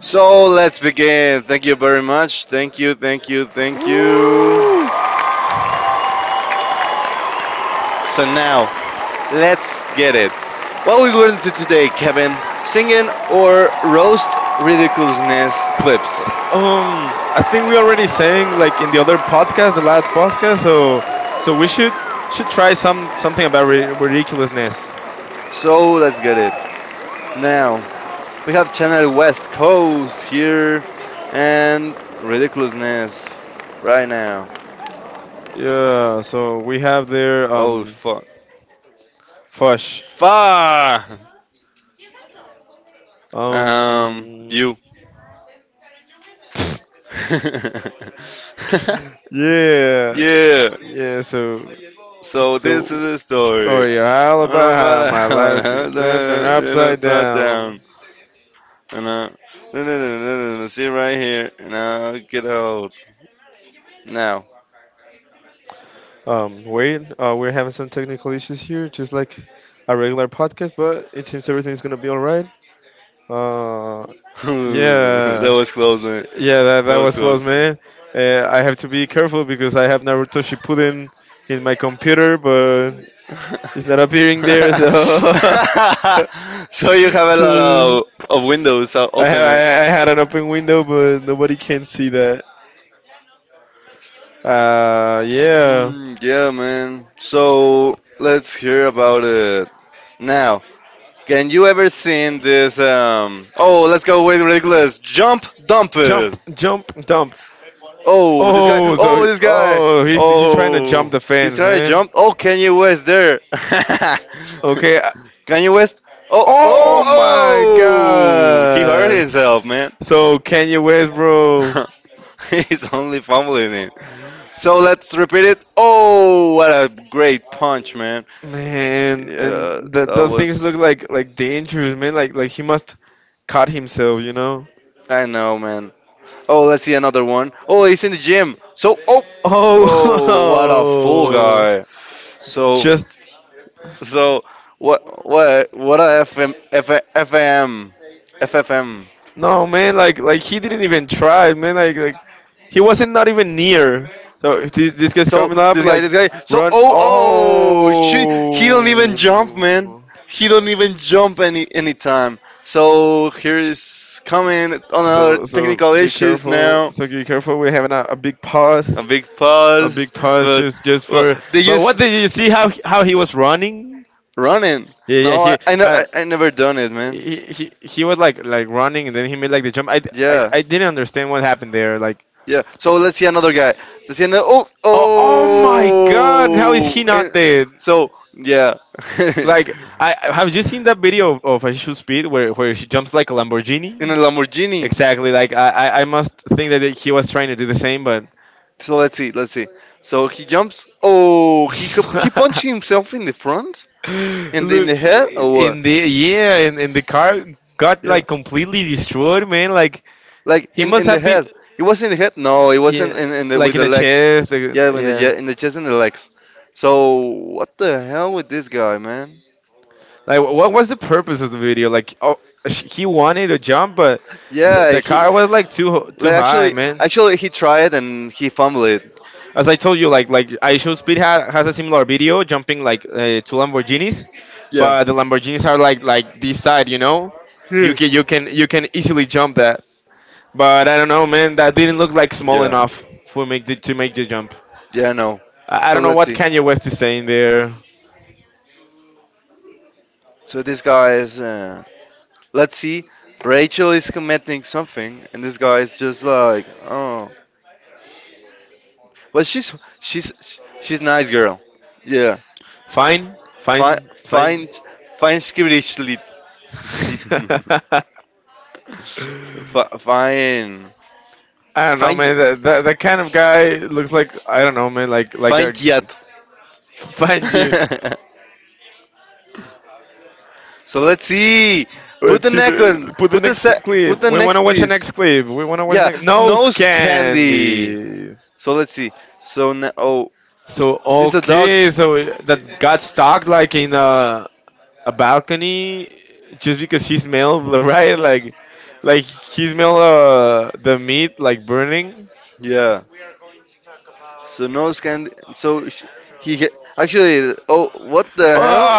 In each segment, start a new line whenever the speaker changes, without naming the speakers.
So let's begin. Thank you very much. Thank you.
ooh.
So now let's get it. What we going to today, Kevin? Singing or roast ridiculousness clips.
I think we already sang like in the other podcast, the last podcast. So we should try something about ridiculousness.
So let's get it. Now we have Channel West Coast here and ridiculousness right now.
Yeah. So we have there
Oh fuck.
Fush.
Fuck.
Um.
You.
Yeah,
Yeah.
yeah. So,
So this is
so,
a story. I
all
don't know
about how my
about that
life
one.
turned
They're
upside
not sat
down.
down. And no, no, no, no, no, no, sit right here. Now get out. Now.
Wait, we're having some technical issues here, just like a regular podcast, but it seems everything's gonna be all right. Uh,
That
yeah,
was close, man.
yeah. That was close, man. I have to be careful because I have Naruto Shippuden in my computer, but
Was...
it's not appearing there, so.
So you have a lot of windows
I ha
open.
I, I had an open window, but nobody can see that. Yeah.
Yeah, man. So let's hear about it. Now, can you ever seen this? Oh, let's go with ridiculous. Jump, dump it.
Jump, jump, dump. Oh,
Oh,
so
this guy.
oh, he's trying to
Oh,
jump the fence,
try to
man.
jump. Oh, Kanye West there.
Okay. I-
Kanye West. Oh, oh,
Oh my
oh! He hurt
God.
himself, man.
So Kanye West, bro,
He's only fumbling it. So let's repeat it. Oh, what a great punch, man.
man,
Yeah,
and the things look like dangerous, man. Like he must cut himself, you know.
I know, man. Oh, let's see another one. Oh, he's in the gym. So, oh, oh, what a fool
Oh,
guy. So,
just
so, what a FM, F, FFM.
no, man, like he didn't even try, man. Like he wasn't not even near. So if this guy's coming up,
This guy,
like
this guy. So,
run.
oh, oh, she, he don't
Oh,
even jump, man. He don't even jump any time. So here is coming on another
so
technical
be
issues
careful.
now.
So be careful. We're having
A big
a
pause,
big pause
but
just for.
they
But
just
what did you see? How he was running?
running.
Yeah, yeah.
Oh,
He
I, know, I never done it, man.
he he, he was like running, and then he made like the jump. I didn't understand what happened there. Like,
Yeah. So let's see another guy. Let's see another. Oh,
oh, oh my
oh.
God, how is he not dead?
So yeah,
Like have you seen that video of Issue Speed where he jumps like a Lamborghini?
in a Lamborghini.
Exactly. Like I must think that he was trying to do the same, but
So let's see. So he jumps. Oh, he punched himself in the front, in
look
the head. Or
in the yeah in the car got like completely destroyed, man. Like
like
he must
in the
have been
head? It was in the head. No, it wasn't
yeah
in the
like
with
in
the
the
leg,
chest.
yeah,
Yeah.
in the chest and the legs. So what the hell with this guy, man?
Like what was the purpose of the video? Like he wanted to jump, but
Yeah,
the car was like too high, man.
actually he tried and he fumbled it.
As I told you, like I Show Speed has a similar video jumping like two Lamborghinis, but the Lamborghinis are like this side, you know, you can you can easily jump that. But I don't know, man, that didn't look like small enough for make to make the jump.
Yeah, no.
I don't know what Kanye West is saying there.
So this guy is. Let's see, Rachel is commenting something, and this guy is just like, oh, but she's she's nice girl. Yeah,
Fine,
I
fine, fine.
find find spiritually fine
I don't know, man. That, that kind of guy looks like I don't know, man. Like a
find yet.
fine dude.
So let's see. Put
Let's
the
see
neck on.
the put the
Put
clip.
the
We want to watch the next clip. We want to watch the
yeah,
next nose
candy.
candy.
So let's see. So now, oh
So okay, so that got stuck like in a balcony just because he smelled right like he smelled the meat like burning.
yeah. So nose candy. So actually. Oh, what the hell?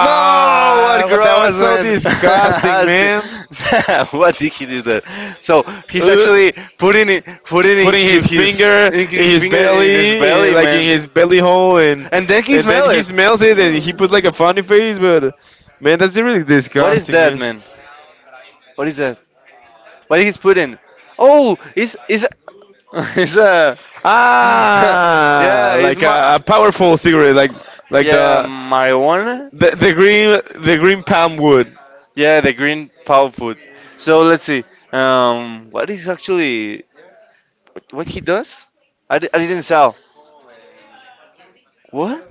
No, what
what that was
gross
so
man.
disgusting, man.
What did he do that? So he's actually putting
In his finger, in his belly, eh,
jelly,
like in
man.
his belly hole,
And then he
and then
smell
he
it.
smells it and he puts like a funny face. But man, that's really
What is
disgusting,
that,
man.
man? What is that? What he's putting? Oh, is is a
Ah, like a powerful cigarette, like
yeah marijuana?
the the green palm wood.
Yeah, the green power food. So let's see. What is actually what he does? I didn't saw. What?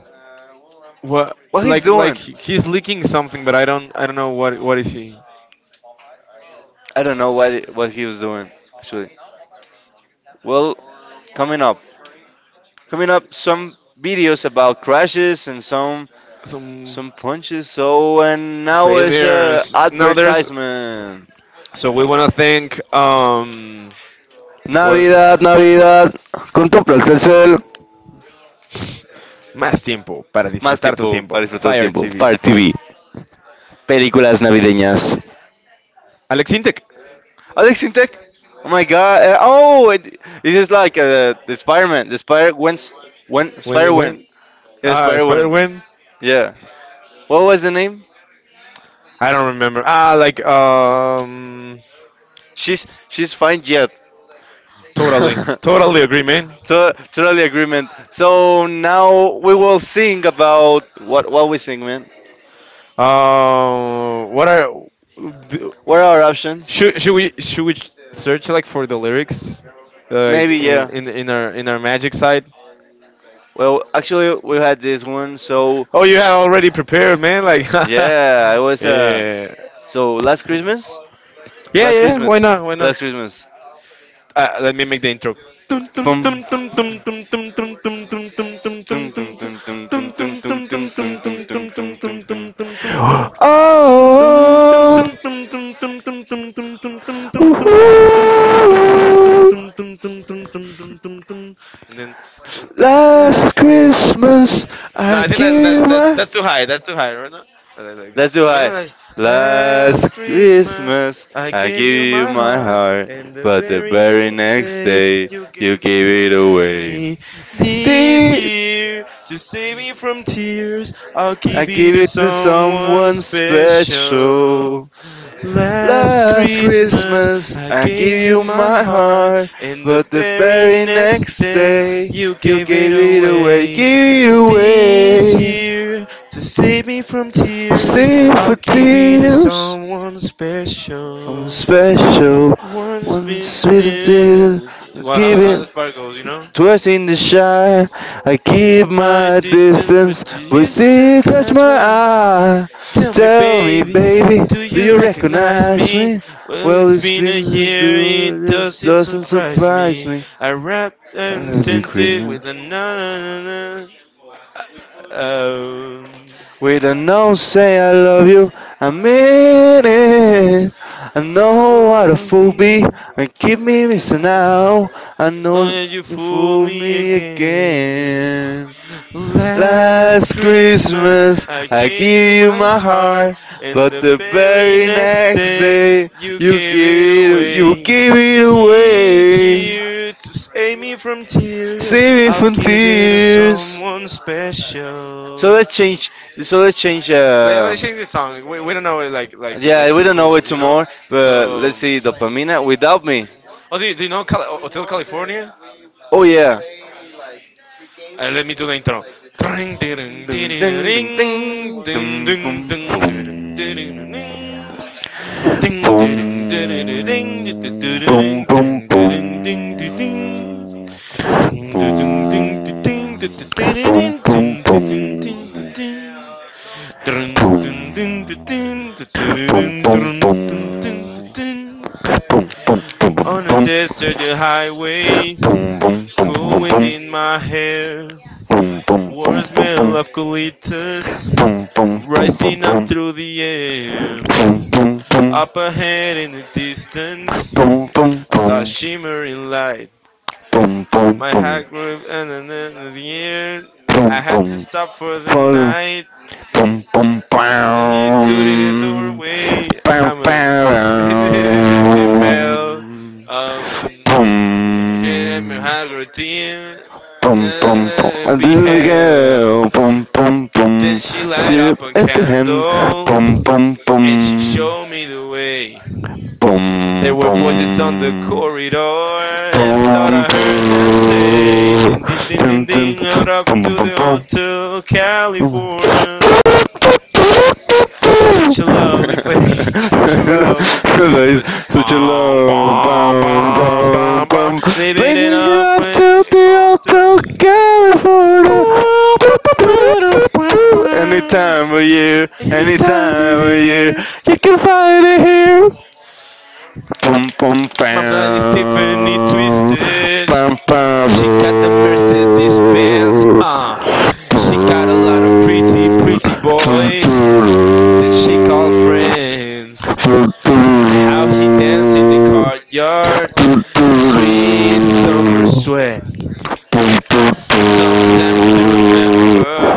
What?
What he's
Like
doing?
he's leaking something, but I don't know what is he?
I don't know what he was doing actually. Well, coming up, coming up, some videos about crashes and
Some
some punches. So and now is a
failures. No, there's.
advertisement.
So we want to thank what
Navidad, Navidad, con tu Telcel.
Más tiempo para
Más
disfrutar tu
tiempo para
tiempo.
disfrutar tu
Fire
tiempo.
TV.
Fire TV, películas navideñas.
Alex Intec.
Alex in Tech. Oh my God! Oh, it is like the Spider-Man. The Spider when
When,
Spider-Man.
when,
Yes,
Spider Gwen.
yeah. What was the name?
I don't remember. Ah, like
She's fine yet.
totally, totally agree, man.
Totally agreement. So now we will sing about what we sing, man.
What are th-
What are our options?
should we search like for the lyrics like
Maybe
in
yeah.
our magic side?
Well, actually we had this one. So
Oh, you have already prepared, man. Like, yeah,
yeah, it was
yeah,
So last Christmas.
yeah. Yeah, why not? Why not?
Last Christmas.
Let me make the intro.
Boom. Dun, dun, dun, dun, dun, dun, dun, dun, dun, dun, dun, dun, dun, dun. Oh, ooh,
And then,
last Christmas
no,
I
I think
gave you
that that's
my.
that's too high. That's too high, right now.
Let's do
I mean
high.
like
Last
last Christmas,
Christmas,
I
I
gave
gave
you
you
my
my
heart.
heart,
And the
but the
very
very
next
next
day,
day,
you
you
gave
gave
it
it away.
away. This
Dee-
year, to save me from tears, I'll
I
give it
gave
to
it to
someone
someone
special.
special.
Last
Last
Christmas,
Christmas,
I
I
gave
gave
you
you
my
my
heart,
heart,
and the
but the
very
very
next
next
day,
day,
you
you
gave it
gave it away,
away.
gave it
This
away.
year, to save me from tears,
Save for
I'll give it to
tears,
someone
I'm
special.
special,
Once
one
been
sweet deal,
in.
let's
Well,
keep
how
it
this part goes, you know?
twice in the shy, I keep
Keep my
my
distance,
distance,
but
but you
you still
still catch my
catch my.
eye.
Tell me,
Tell me,
baby,
baby,
do
do
you
you
recognize
recognize
me?
me?
Well,
Well,
it's
it's
been
been
a year, it
it
doesn't
doesn't
surprise
surprise
me.
me.
I rapped and
Happy
sent it
Christmas.
with a na na na na.
With a no say I love you, I mean it. I know what a fool be, and keep me missing out. I
Oh,
know
yeah, you
you
fool
fool
me
me
again.
again.
Last
Last
Christmas,
Christmas,
I
I
gave
give
you
you
my
my
heart,
heart,
and
but
the
the
very
very
next
next
day,
day,
you gave it
you
away.
give it
This
away.
year, to save me from tears,
Save me
I'll
from
give it to
tears.
someone
So
special.
let's change. So let's change.
Let's change this song. We don't know it like like
Yeah,
like
we
too
don't know it
cool, you know.
tomorrow, but
So,
let's see. Dopamina without me.
oh, do you know? Cala- oh,
Oh yeah.
me do the intro. Ring, ding, ding,
Dun,
ding,
dun,
ding,
dun,
ding,
dun, dun, dun,
Ding ding
dun.
ding ding ding ding ding ding ding
Boom,
ding
boom, boom, boom.
ding ding ding ding
Boom,
Ding ding ding ding ding
boom,
ding
boom, boom. Boom,
ding
boom, boom,
ding ding ding
boom.
ding Dun, dun, dun, dun, dun,
Boom,
dun,
boom,
dun,
boom,
dun, dun,
boom,
dun, dun,
boom. Boom, boom, boom,
on a
boom,
desert highway, cool wind
boom.
in my hair,
Boom, boom, boom,
warm
boom,
smell
boom.
of colitas
Boom, boom, boom, boom,
rising up
boom.
through the air.
Boom, boom, boom.
Up ahead in the distance,
Boom, boom,
I saw a
boom. Shimmering
shimmering
light.
light.
Boom, boom, my boom, heart will end the middle of the I
My heart grew and then in the air.
boom,
I had to
boom,
stop for the
for the
night.
boom,
Then,
boom,
then he stood in the
boom,
doorway. I'm a
boom, boom,
decision bell.
boom,
Um, yeah, I'm a
boom.
high routine.
Boom,
Na-
boom, boom.
na-
And
Be
this is the
hell.
girl. Boom, boom,
Then
boom.
she
She
light up a
hand.
candle
Boom, boom,
and she
boom.
showed me the way. There were voices
Pum,
on the corridor. I thought I heard them say, ding, ding, ding,
dun,
ding,
dun,
ding, out up to the hotel, California. Such a lovely place, such a lovely place.
that is
Such
such a
bomb,
low
bomb,
bum
bomb,
bum
bomb, bomb.
bum.
They made it
Blazing it
up
up
with
to
the
the
hotel.
Hotel California. Do, do, do, do, do. Any time of year, any
Anytime you're
time of year,
here,
you can find it here pum pum bum bum bum pum pum pum pum
my blind is Tiffany twisted. She got the Mercedes Benz. She got a lot of pretty, pretty boys that she calls
pum
friends.
pum pum pum
How he danced in the courtyard, sweet summer sweat.
Boo,
Sometimes to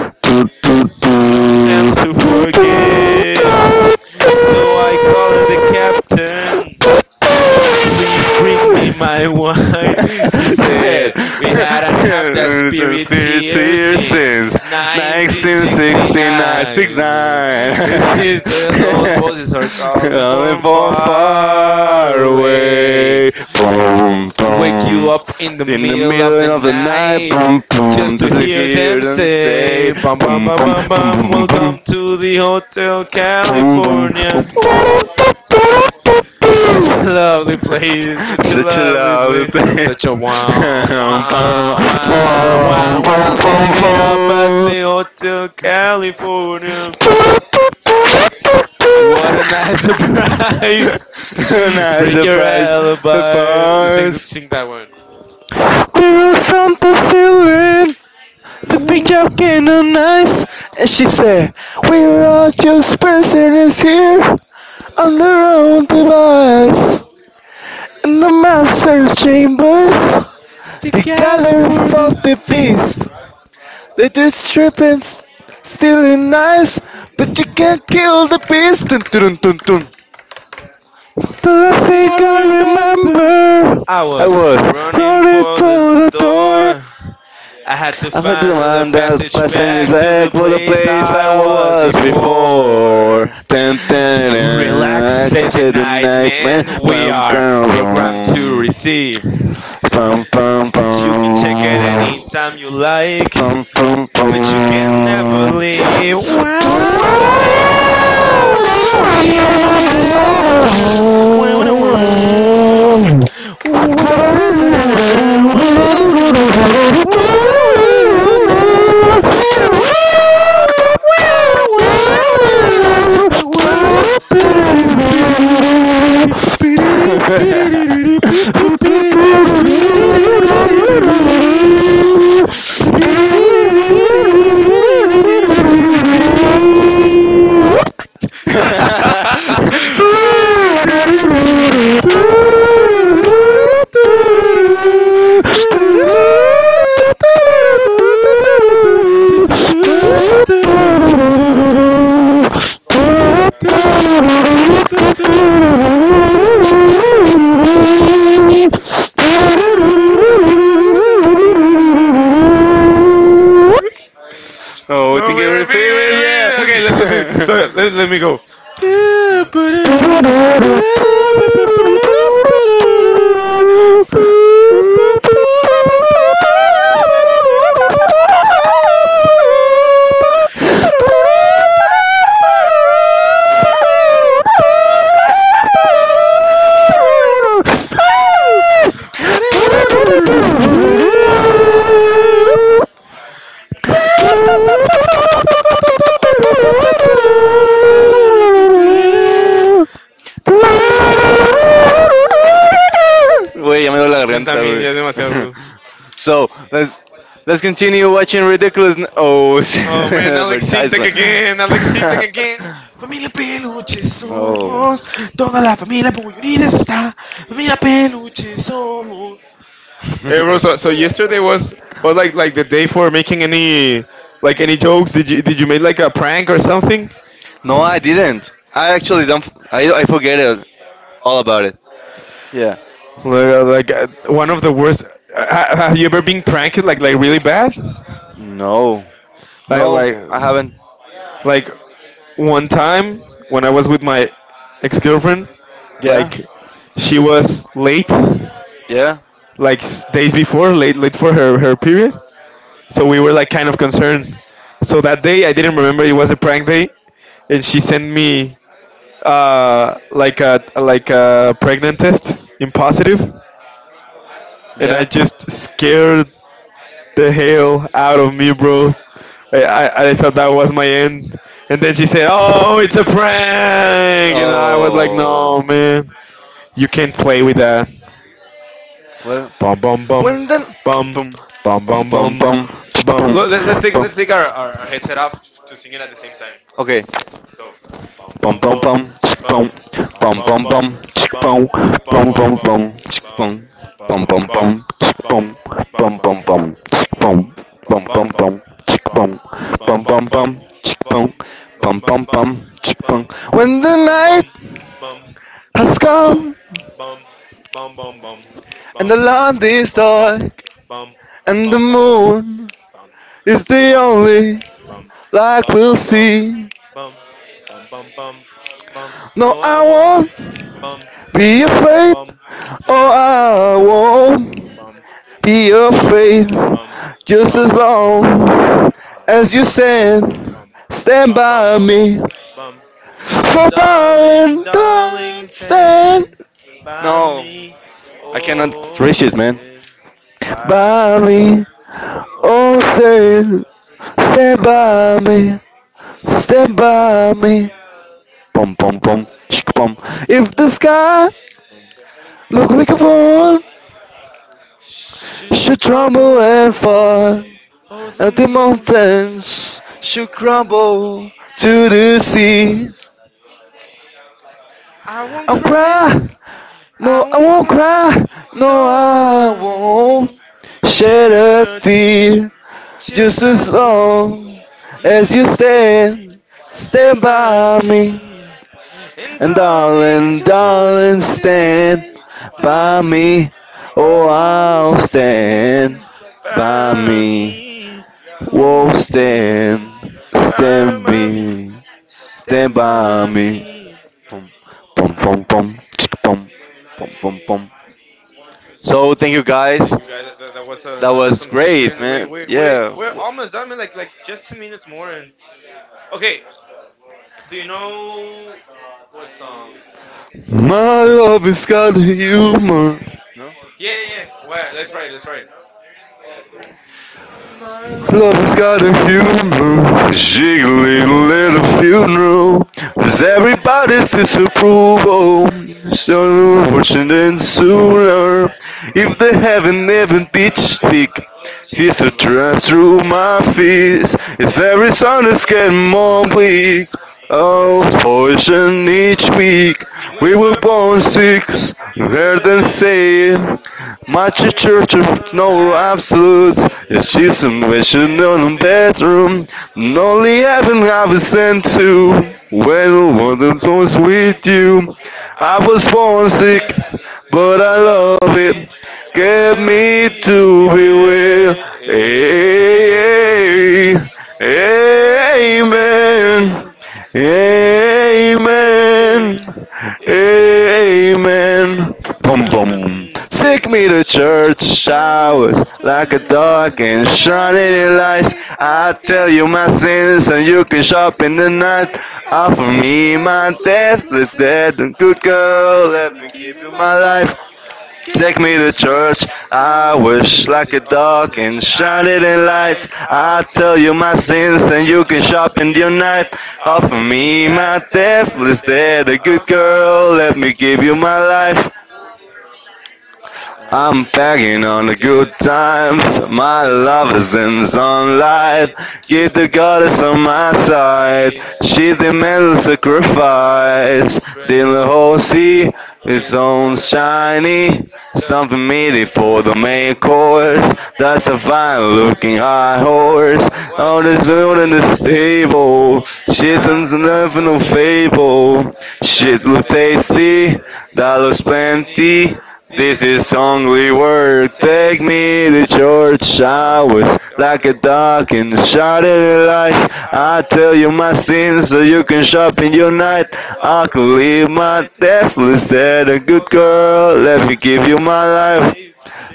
doo, doo. Boo, doo, doo. Doo, doo, doo.
sometimes to
Doo, doo,
forgive.
doo, doo.
So I call her the captain.
I
Please bring me my wine, he
said,
said. We hadn't had that
"It's
spirit
a
here
here
since
since 1969,
1969.
69.
These- those voices are calling
Only
from
for
far
far
away.
away. Boom,
Wake you
boom.
up in the
In the
middle of the
middle of the night,
night
boom, boom.
just
Does
to
it
hear
hear
them
them say,
say, bum, bum,
boom,
bum,
boom,
bum,
boom,
bum,
boom, boom, boom,
welcome to the Hotel
boom, boom,
California.
boom.
Such a lovely place, such a
That you
lovely
love
place, such a wow, wow, wow, wow, wow, living it up at the Hotel California. What a nice surprise!
now it's
Bring
a
your alibi. Sing,
pause.
sing that one.
We were something ceiling. The picture came on nice. And she said, we're all just prisoners here on their own device. In the master's chambers, they
Together
gather
for
for
the
the
feast.
beast. They just tripping, stealing nice, but you can't kill the beast. Dun, dun, dun, dun. The last thing
I
I
remember
remember
I was
is
running
running
for the
through the door.
door. I had to find the
And that
passage
passion is
back to
back
the
for the
place
place
I
I
was
was before.
before.
Ten, ten,
Relax,
ten.
say the
Say the
night,
night.
man. We are
Pum,
programmed to receive.
pum, pum,
You can check it
pum,
anytime you like
pum, pum,
but you can never leave. Wow,
thank
wow, wow, wow, wow, wow, wow, da, da, da, da, wow, da, wow. Wow, da,
you.
da, da, da, da,
What?
da, wow, da, da, da, da, da, wow, da, wow, da, da, da, da, wow, wow, wow, da, wow, da, wow, da, da, wow, da, ba, da, da, ba, ba, da, da, ba, ba, ba, da, da, da, ba, ba, ba, whoop.
Oh,
Altyazı.
I
No,
think
We're repeating, we're
it
repeating. Okay, let me, so let me go.
Güey, ya me duele la
Yo
garganta,
también,
güey.
ya es demasiado agudo.
So, let's continue watching ridiculous. Oh,
Oh, man, Alex Sintek
advertisement.
again, Alex Sintek again. Familia Peluche somos,
Oh,
toda la familia muy unida está. Familia Peluche somos. Hey, bro, so yesterday was like the day for making any like any jokes. Did you make like a prank or something?
no, I didn't. I actually don't. I forget it all about it. Yeah.
Like, one of the worst. Have you ever been pranked like really bad?
No.
Like
No,
like
I haven't.
like one time when I was with my ex girlfriend,
Yeah.
like she was late,
Yeah.
like days before late late for her period. So we were like kind of concerned. So that day I didn't remember it was a prank day, and she sent me like a pregnant test in positive, and I
Yeah.
just scared the hell out of me, bro. I thought that was my end. And then she said, oh, it's a prank. And I was like, no,
Oh.
man. You can't play with that.
Well.
Bum, bum, bum.
And then.
Bum,
Boom.
bum,
Pum
bum,
pum
bum.
pum. Chick,
Bum.
pum.
Look, let's take our.
Okay.
Bum,
Bum
bum,
bum bum
bum.
chick bum
Bum. Bum,
bum
bum,
bum bum
bum.
chick bum
Bum, bum,
bum
bum,
bum
bum.
bum chick bum bum bum bum chick bum bum bum bum chick bum bum bum bum chick bum bum bum bum chick bum bum bum bum chick bum when the night has come and the land is dark and the moon is the only light we'll see. No I won't be afraid. Oh I won't be afraid, just as long as you stand, stand by me. For darling, darling, stand. No, I cannot reach it, man. By me, oh, stand, stand by me, stand by me. Pom pom pom, shik, pom. If the sky look like a bone, should tremble and fall. And the mountains should crumble to the sea. I'll cry. No, I won't cry. No, I won't shed a tear. Just as long as you stand, stand by me. And darling, darling, stand by me. Oh, I'll stand by me. Whoa, stand, stand by me, stand by me. Pom, pom, pom, pom, chick, pom, pom, pom, pom. So thank you guys. That was great, man. Yeah. My love has got a humor. No? Love has got a humor. Jiggly little funeral. Cause everybody's disapproval. So unfortunate sooner. If they haven't even ditched dick. He's a dress through my feet. As every sun is getting more bleak. Oh, poison each week. We were born sick. You heard them say much a church with no absolutes. It's just a mission on the bedroom. And only heaven I've been sent to. When one of those with you. I was born sick, but I love it. Get me to be well. Amen. Amen. Amen. Boom, boom. Take me to church showers like a dog in shining lights. I tell you my sins and you can shop in the night. Offer me my deathless dead and good girl. Let me keep you my life. Take me to church. I wish like a dog in shining lights. I tell you my sins and you can sharpen your knife. Offer me my death, instead a good girl. Let me give you my life. I'm bagging on the good times. My love is in sunlight. Give the goddess on my side. She demands a sacrifice. The whole sea is on shiny. Something meaty for the main course. That's a fine looking high horse. All the zoo in the stable. She's an no fable. Shit looks tasty. That looks plenty. This is only work. Take me to church. I was like a dog in the shattered lights. I tell you my sins so you can shop in your night. I could leave my death instead. A good girl, let me give you my life.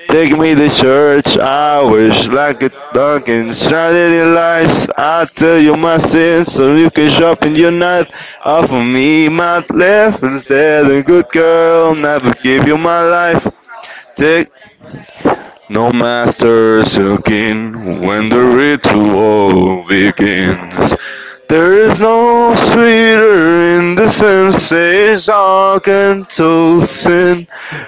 Take me to church. I wish like a dog in shattered lights. I tell you my sins so you can shop in your night. Offer me my death instead. A good girl, never give you my life. Take no master's looking when the ritual begins. There is no sweeter in the senses, oxytocin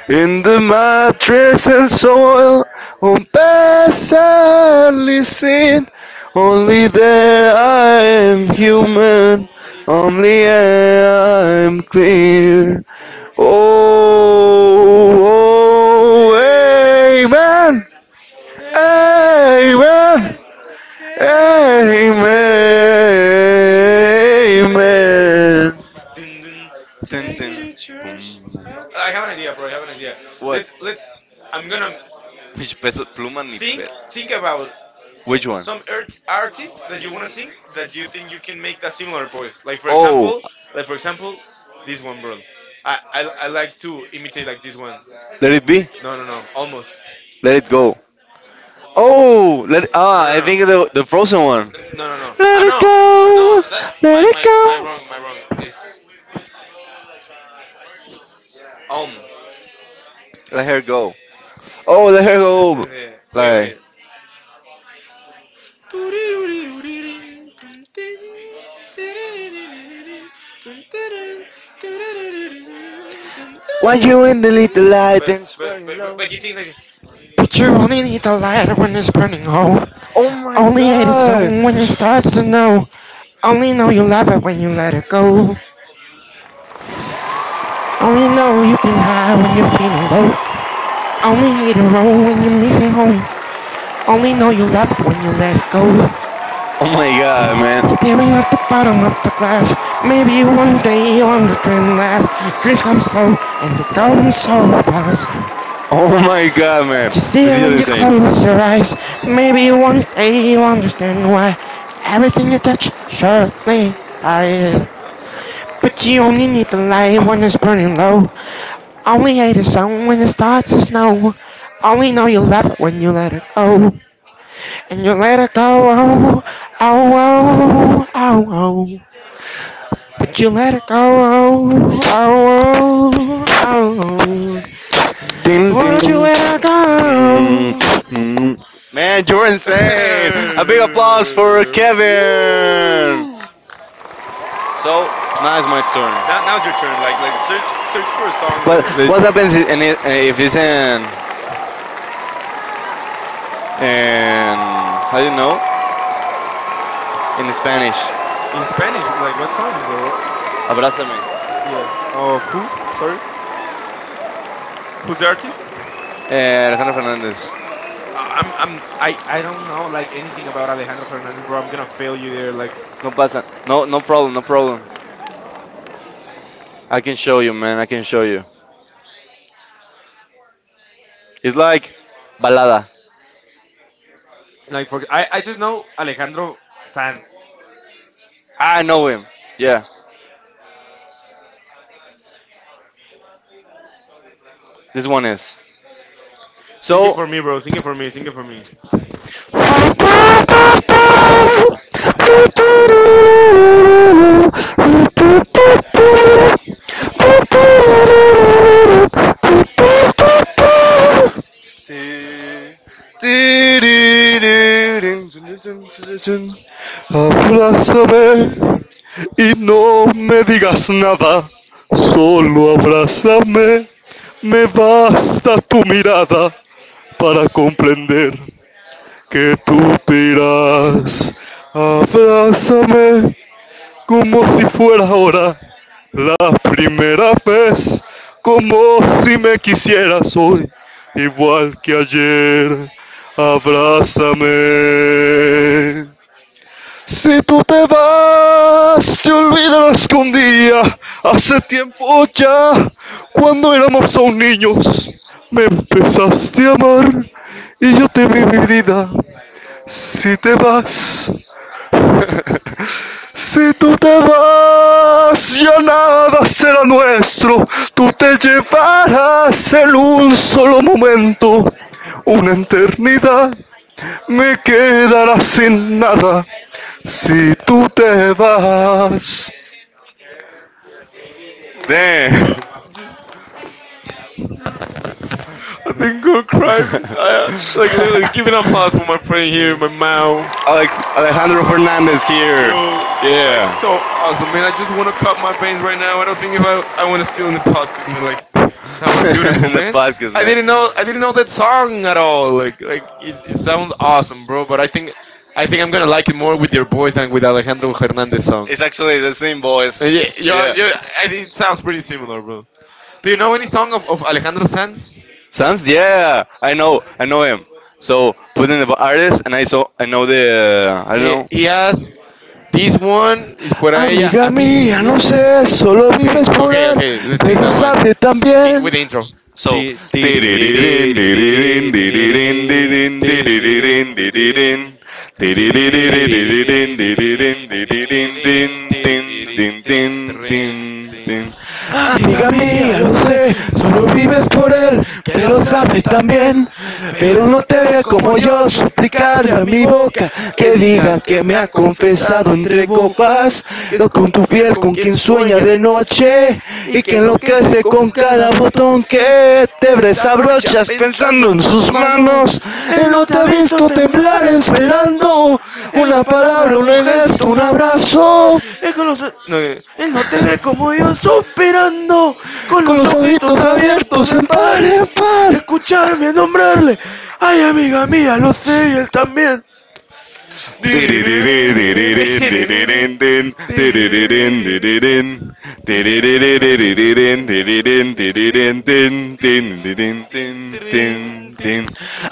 in the mattress and soil, on passively seen. Only then I am human, only I am clear. Oh, oh, amen, amen, amen.
Ding, ding.
Tin, tin, boom.
I have an idea, bro. I have an idea. Let's, let's. I'm gonna
Which peso pluma? Ni,
think, think about
which one?
some artist that you want to sing that you think you can make that similar voice, like for example, like for example, this one, bro. I like to imitate like this one.
Let it be.
No, no, no, almost.
Let it go. Oh, let
No,
I
no,
think the
no,
the frozen one.
no, no, no,
Let
ah,
it
no.
go.
No, that,
Let
my
it.
my my wrong, my wrong is almost.
Let her go. Oh, let her go.
Wait,
Like.
wait. But you only need the light when it's burning low.
Oh my
Only hate it so
god.
when it starts to know. Only know you love it when you let it go. Only know you've been high when you're feeling low. Only hate it wrong when you're missing home. Only know you love it when you let it go.
Oh my god,
And
man.
staring at the bottom of the glass. Maybe one day you'll on the dream last. Dreams come slow and they go so fast.
Oh my god, man.
You see it when you close your eyes. Maybe one day you'll understand why everything you touch surely dies. But you only need the light when it's burning low. I only hate the sun when it starts to snow. I only know you love it when you let it go. And you let it go, oh, oh, oh, oh, oh. But you let it go, oh, oh, oh, oh.
Ding, ding,
Would you
ding,
let it
ding.
go?
Ding. Man, you're insane! A big applause for Kevin! So, now it's my
now
turn.
now's your turn. Like, like search for a song that, that
What happens if it's in. How do you know? In Spanish.
in Spanish. Like what songs or what?
Abrázame.
Yeah. Oh, who? Sorry. Who's the artist?
Alejandro Fernandez.
I don't know like anything about Alejandro Hernandez, bro. I'm gonna fail you there. Like
No pasa. No, no problem, no problem. I can show you, man, I can show you. It's like balada.
like for I just know Alejandro Sanz.
I know him. Yeah, this one is.
Sing it
So,
for me, bro. Sing it for me. Sing it for me.
Abrázame y no me digas nada, solo abrázame, me basta tu mirada para comprender que tú te irás. Abrázame como si fuera ahora la primera vez, como si me quisieras hoy, igual que ayer. Abrázame. Si tú te vas, te olvidarás que un día, hace tiempo ya, cuando éramos aún niños, me empezaste a amar y yo te vi mi vida. Si te vas, si tú te vas, ya nada será nuestro. Tú te llevarás en un solo momento. Una eternidad me quedará sin nada. Si tú te vas. Damn.
I think I'm crying. I, like literally, give an applause for my friend here, my Mao.
Alejandro Fernandez here.
Yo, like
Yeah.
so awesome, man. I just want to cut my veins right now. I don't think if I want to steal in the podcast, man. Like that was beautiful,
In the
man.
podcast,
I
man.
didn't know I didn't know that song at all. Like it sounds awesome, bro. But I think I'm gonna like it more with your boys than with Alejandro Hernandez song.
It's actually the same voice.
Yeah, yeah, yeah, I think it sounds pretty similar, bro. Do you know any song of Alejandro Sanz?
Sounds, yeah. I know. I know him. So, put in the artist, and I saw, I know the, I don't
He
know,
he has this one is fuera ella
Amiga
a mí, ya
mía,
lo
no
sé.
sé, solo
Okay,
vives por
okay,
él,
okay. Let's sing
pero
that one.
sabe también.
With the intro.
So,
Ti- ti- ri- ri-
tirirín,
ri- ri- ri-
tirirín,
ri- ri- ri-
tirirín,
ri-
tirirín,
ti- ri- ri-
tirirín,
ri- ri- ri-
tirirín,
ti- ri- ri-
tirirín,
ri- ri- ri- ri- ri-
tirirín,
ri- ri- ri- ri- ri- ri-
tirirín,
ri- ti- ri- ri-
tin,
ri-
tin,
tin,
tin,
trin,
tin,
tin.
tin. Amiga mía, lo sé, solo vives por él, pero sabes también, pero no te veas como yo suplicarle a mi boca que diga que me ha confesado entre copas, lo con tu piel con quien sueña de noche y que enloquece con cada botón que te desabrochas pensando en sus manos. Él no te ha visto temblar esperando una palabra, un gesto, un abrazo, con los ojitos abiertos en par en par.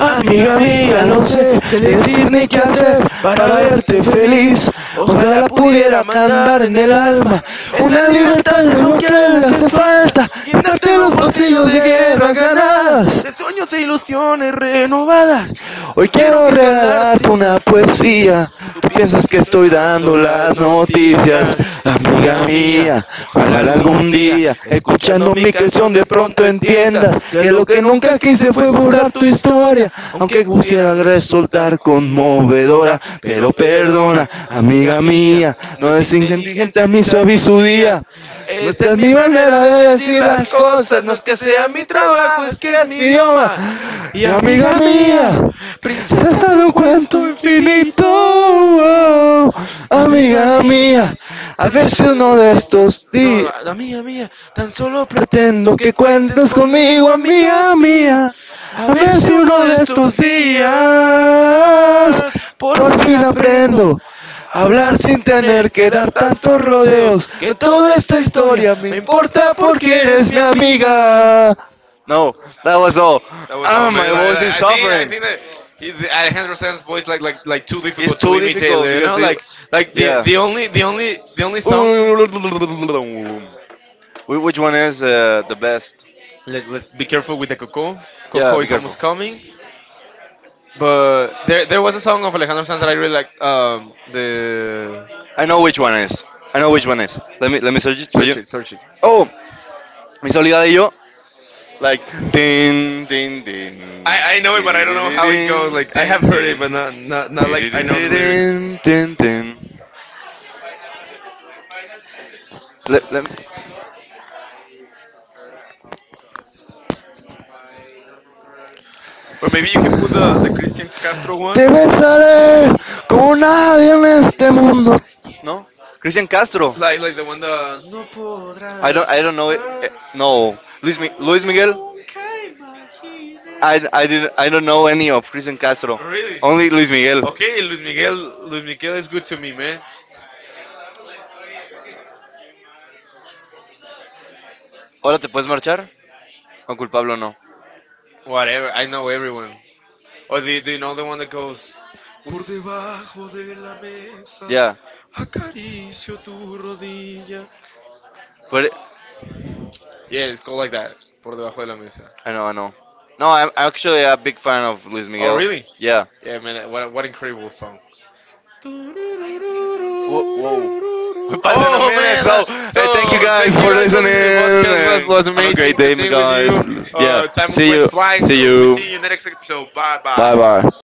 Amiga mía, no sé de decir ni qué hacer para verte feliz. Ojalá pudiera cantar en el alma una libertad de lo que le hace falta. Darte los bolsillos de guerras ganadas. Hoy quiero regalarte una poesía. Tú piensas que estoy dando las noticias. Amiga mía, ojalá algún día, escuchando mi canción, de pronto entiendas que lo que nunca quise fue borrar tu historia. Aunque quisiera resultar conmovedora, pero perdona, amiga mía, no es inteligente a mí suaviz su día. No, esta es mi manera de decir las cosas, no es que seas mi trabajo, es que es mi idioma. Y amiga mía, se sabe un cuento infinito. Oh, amiga mía, a ver si uno de estos días. Pretendo que cuentes conmigo, amiga mía.
A
A
ver
ver
si
si
uno
uno
de
de
estos
estos días
días por
por fin
aprendo
aprendo a
a
hablar
hablar
sin
sin tener
tener
que
que
dar
dar
tantos
tantos
rodeos
rodeos.
que toda
Toda
esta
esta
historia
historia me
me
importa porque
quiere.
eres mi amiga. No, that was all.
That was
Ah,
all,
my
man.
voice
Like
is
I think I
suffering.
think that he, Alejandro Sanz's voice like too difficult to imitate. You know, like the only the only the only song.
Which one is the best?
Let's be careful with the coco.
Yeah,
Coco
be
is
careful.
almost coming. But there was a song of Alejandro Sanz that I really like. The
I know which one is. I know which one is. Let me search it for you.
search it.
Oh, mi soledad y yo. Like tin din din.
I know it, but I don't know how it goes. Like I have heard it, but not like I know the lyrics.
Tiririririn. Le- le-
Or maybe you can put the Christian Castro
Te
one,
besaré como nadie en este mundo. No, Cristian Castro.
like the one the No podrás.
I don't know it.
ah,
No,
Como
Luis
yo
Miguel.
nunca imaginé.
I don't know any of Cristian Castro.
Really?
Only Luis Miguel.
Okay, Luis Miguel. Luis Miguel is good to me, man.
Ahora te puedes marchar. Con culpable o no.
Whatever. I know everyone. Or do you know the one that goes?
Yeah,
"Acaricio tu rodilla"?
but
Yeah, it's called like that. Por debajo de la mesa.
I know. No, I'm actually a big fan of Luis
Oh,
Miguel.
really?
Yeah.
Yeah, man. What incredible song.
Whoa, whoa. We're passing a
Oh
minute,
man!
so thank you
So
guys
thank you
for
guys for
listening.
listening to the podcast. was
And
was
have a great
amazing to
day, my
sing with you.
guys. Yeah.
Time went
You.
flying. So we
You.
see you in the next episode. Bye
Bye
bye.
bye.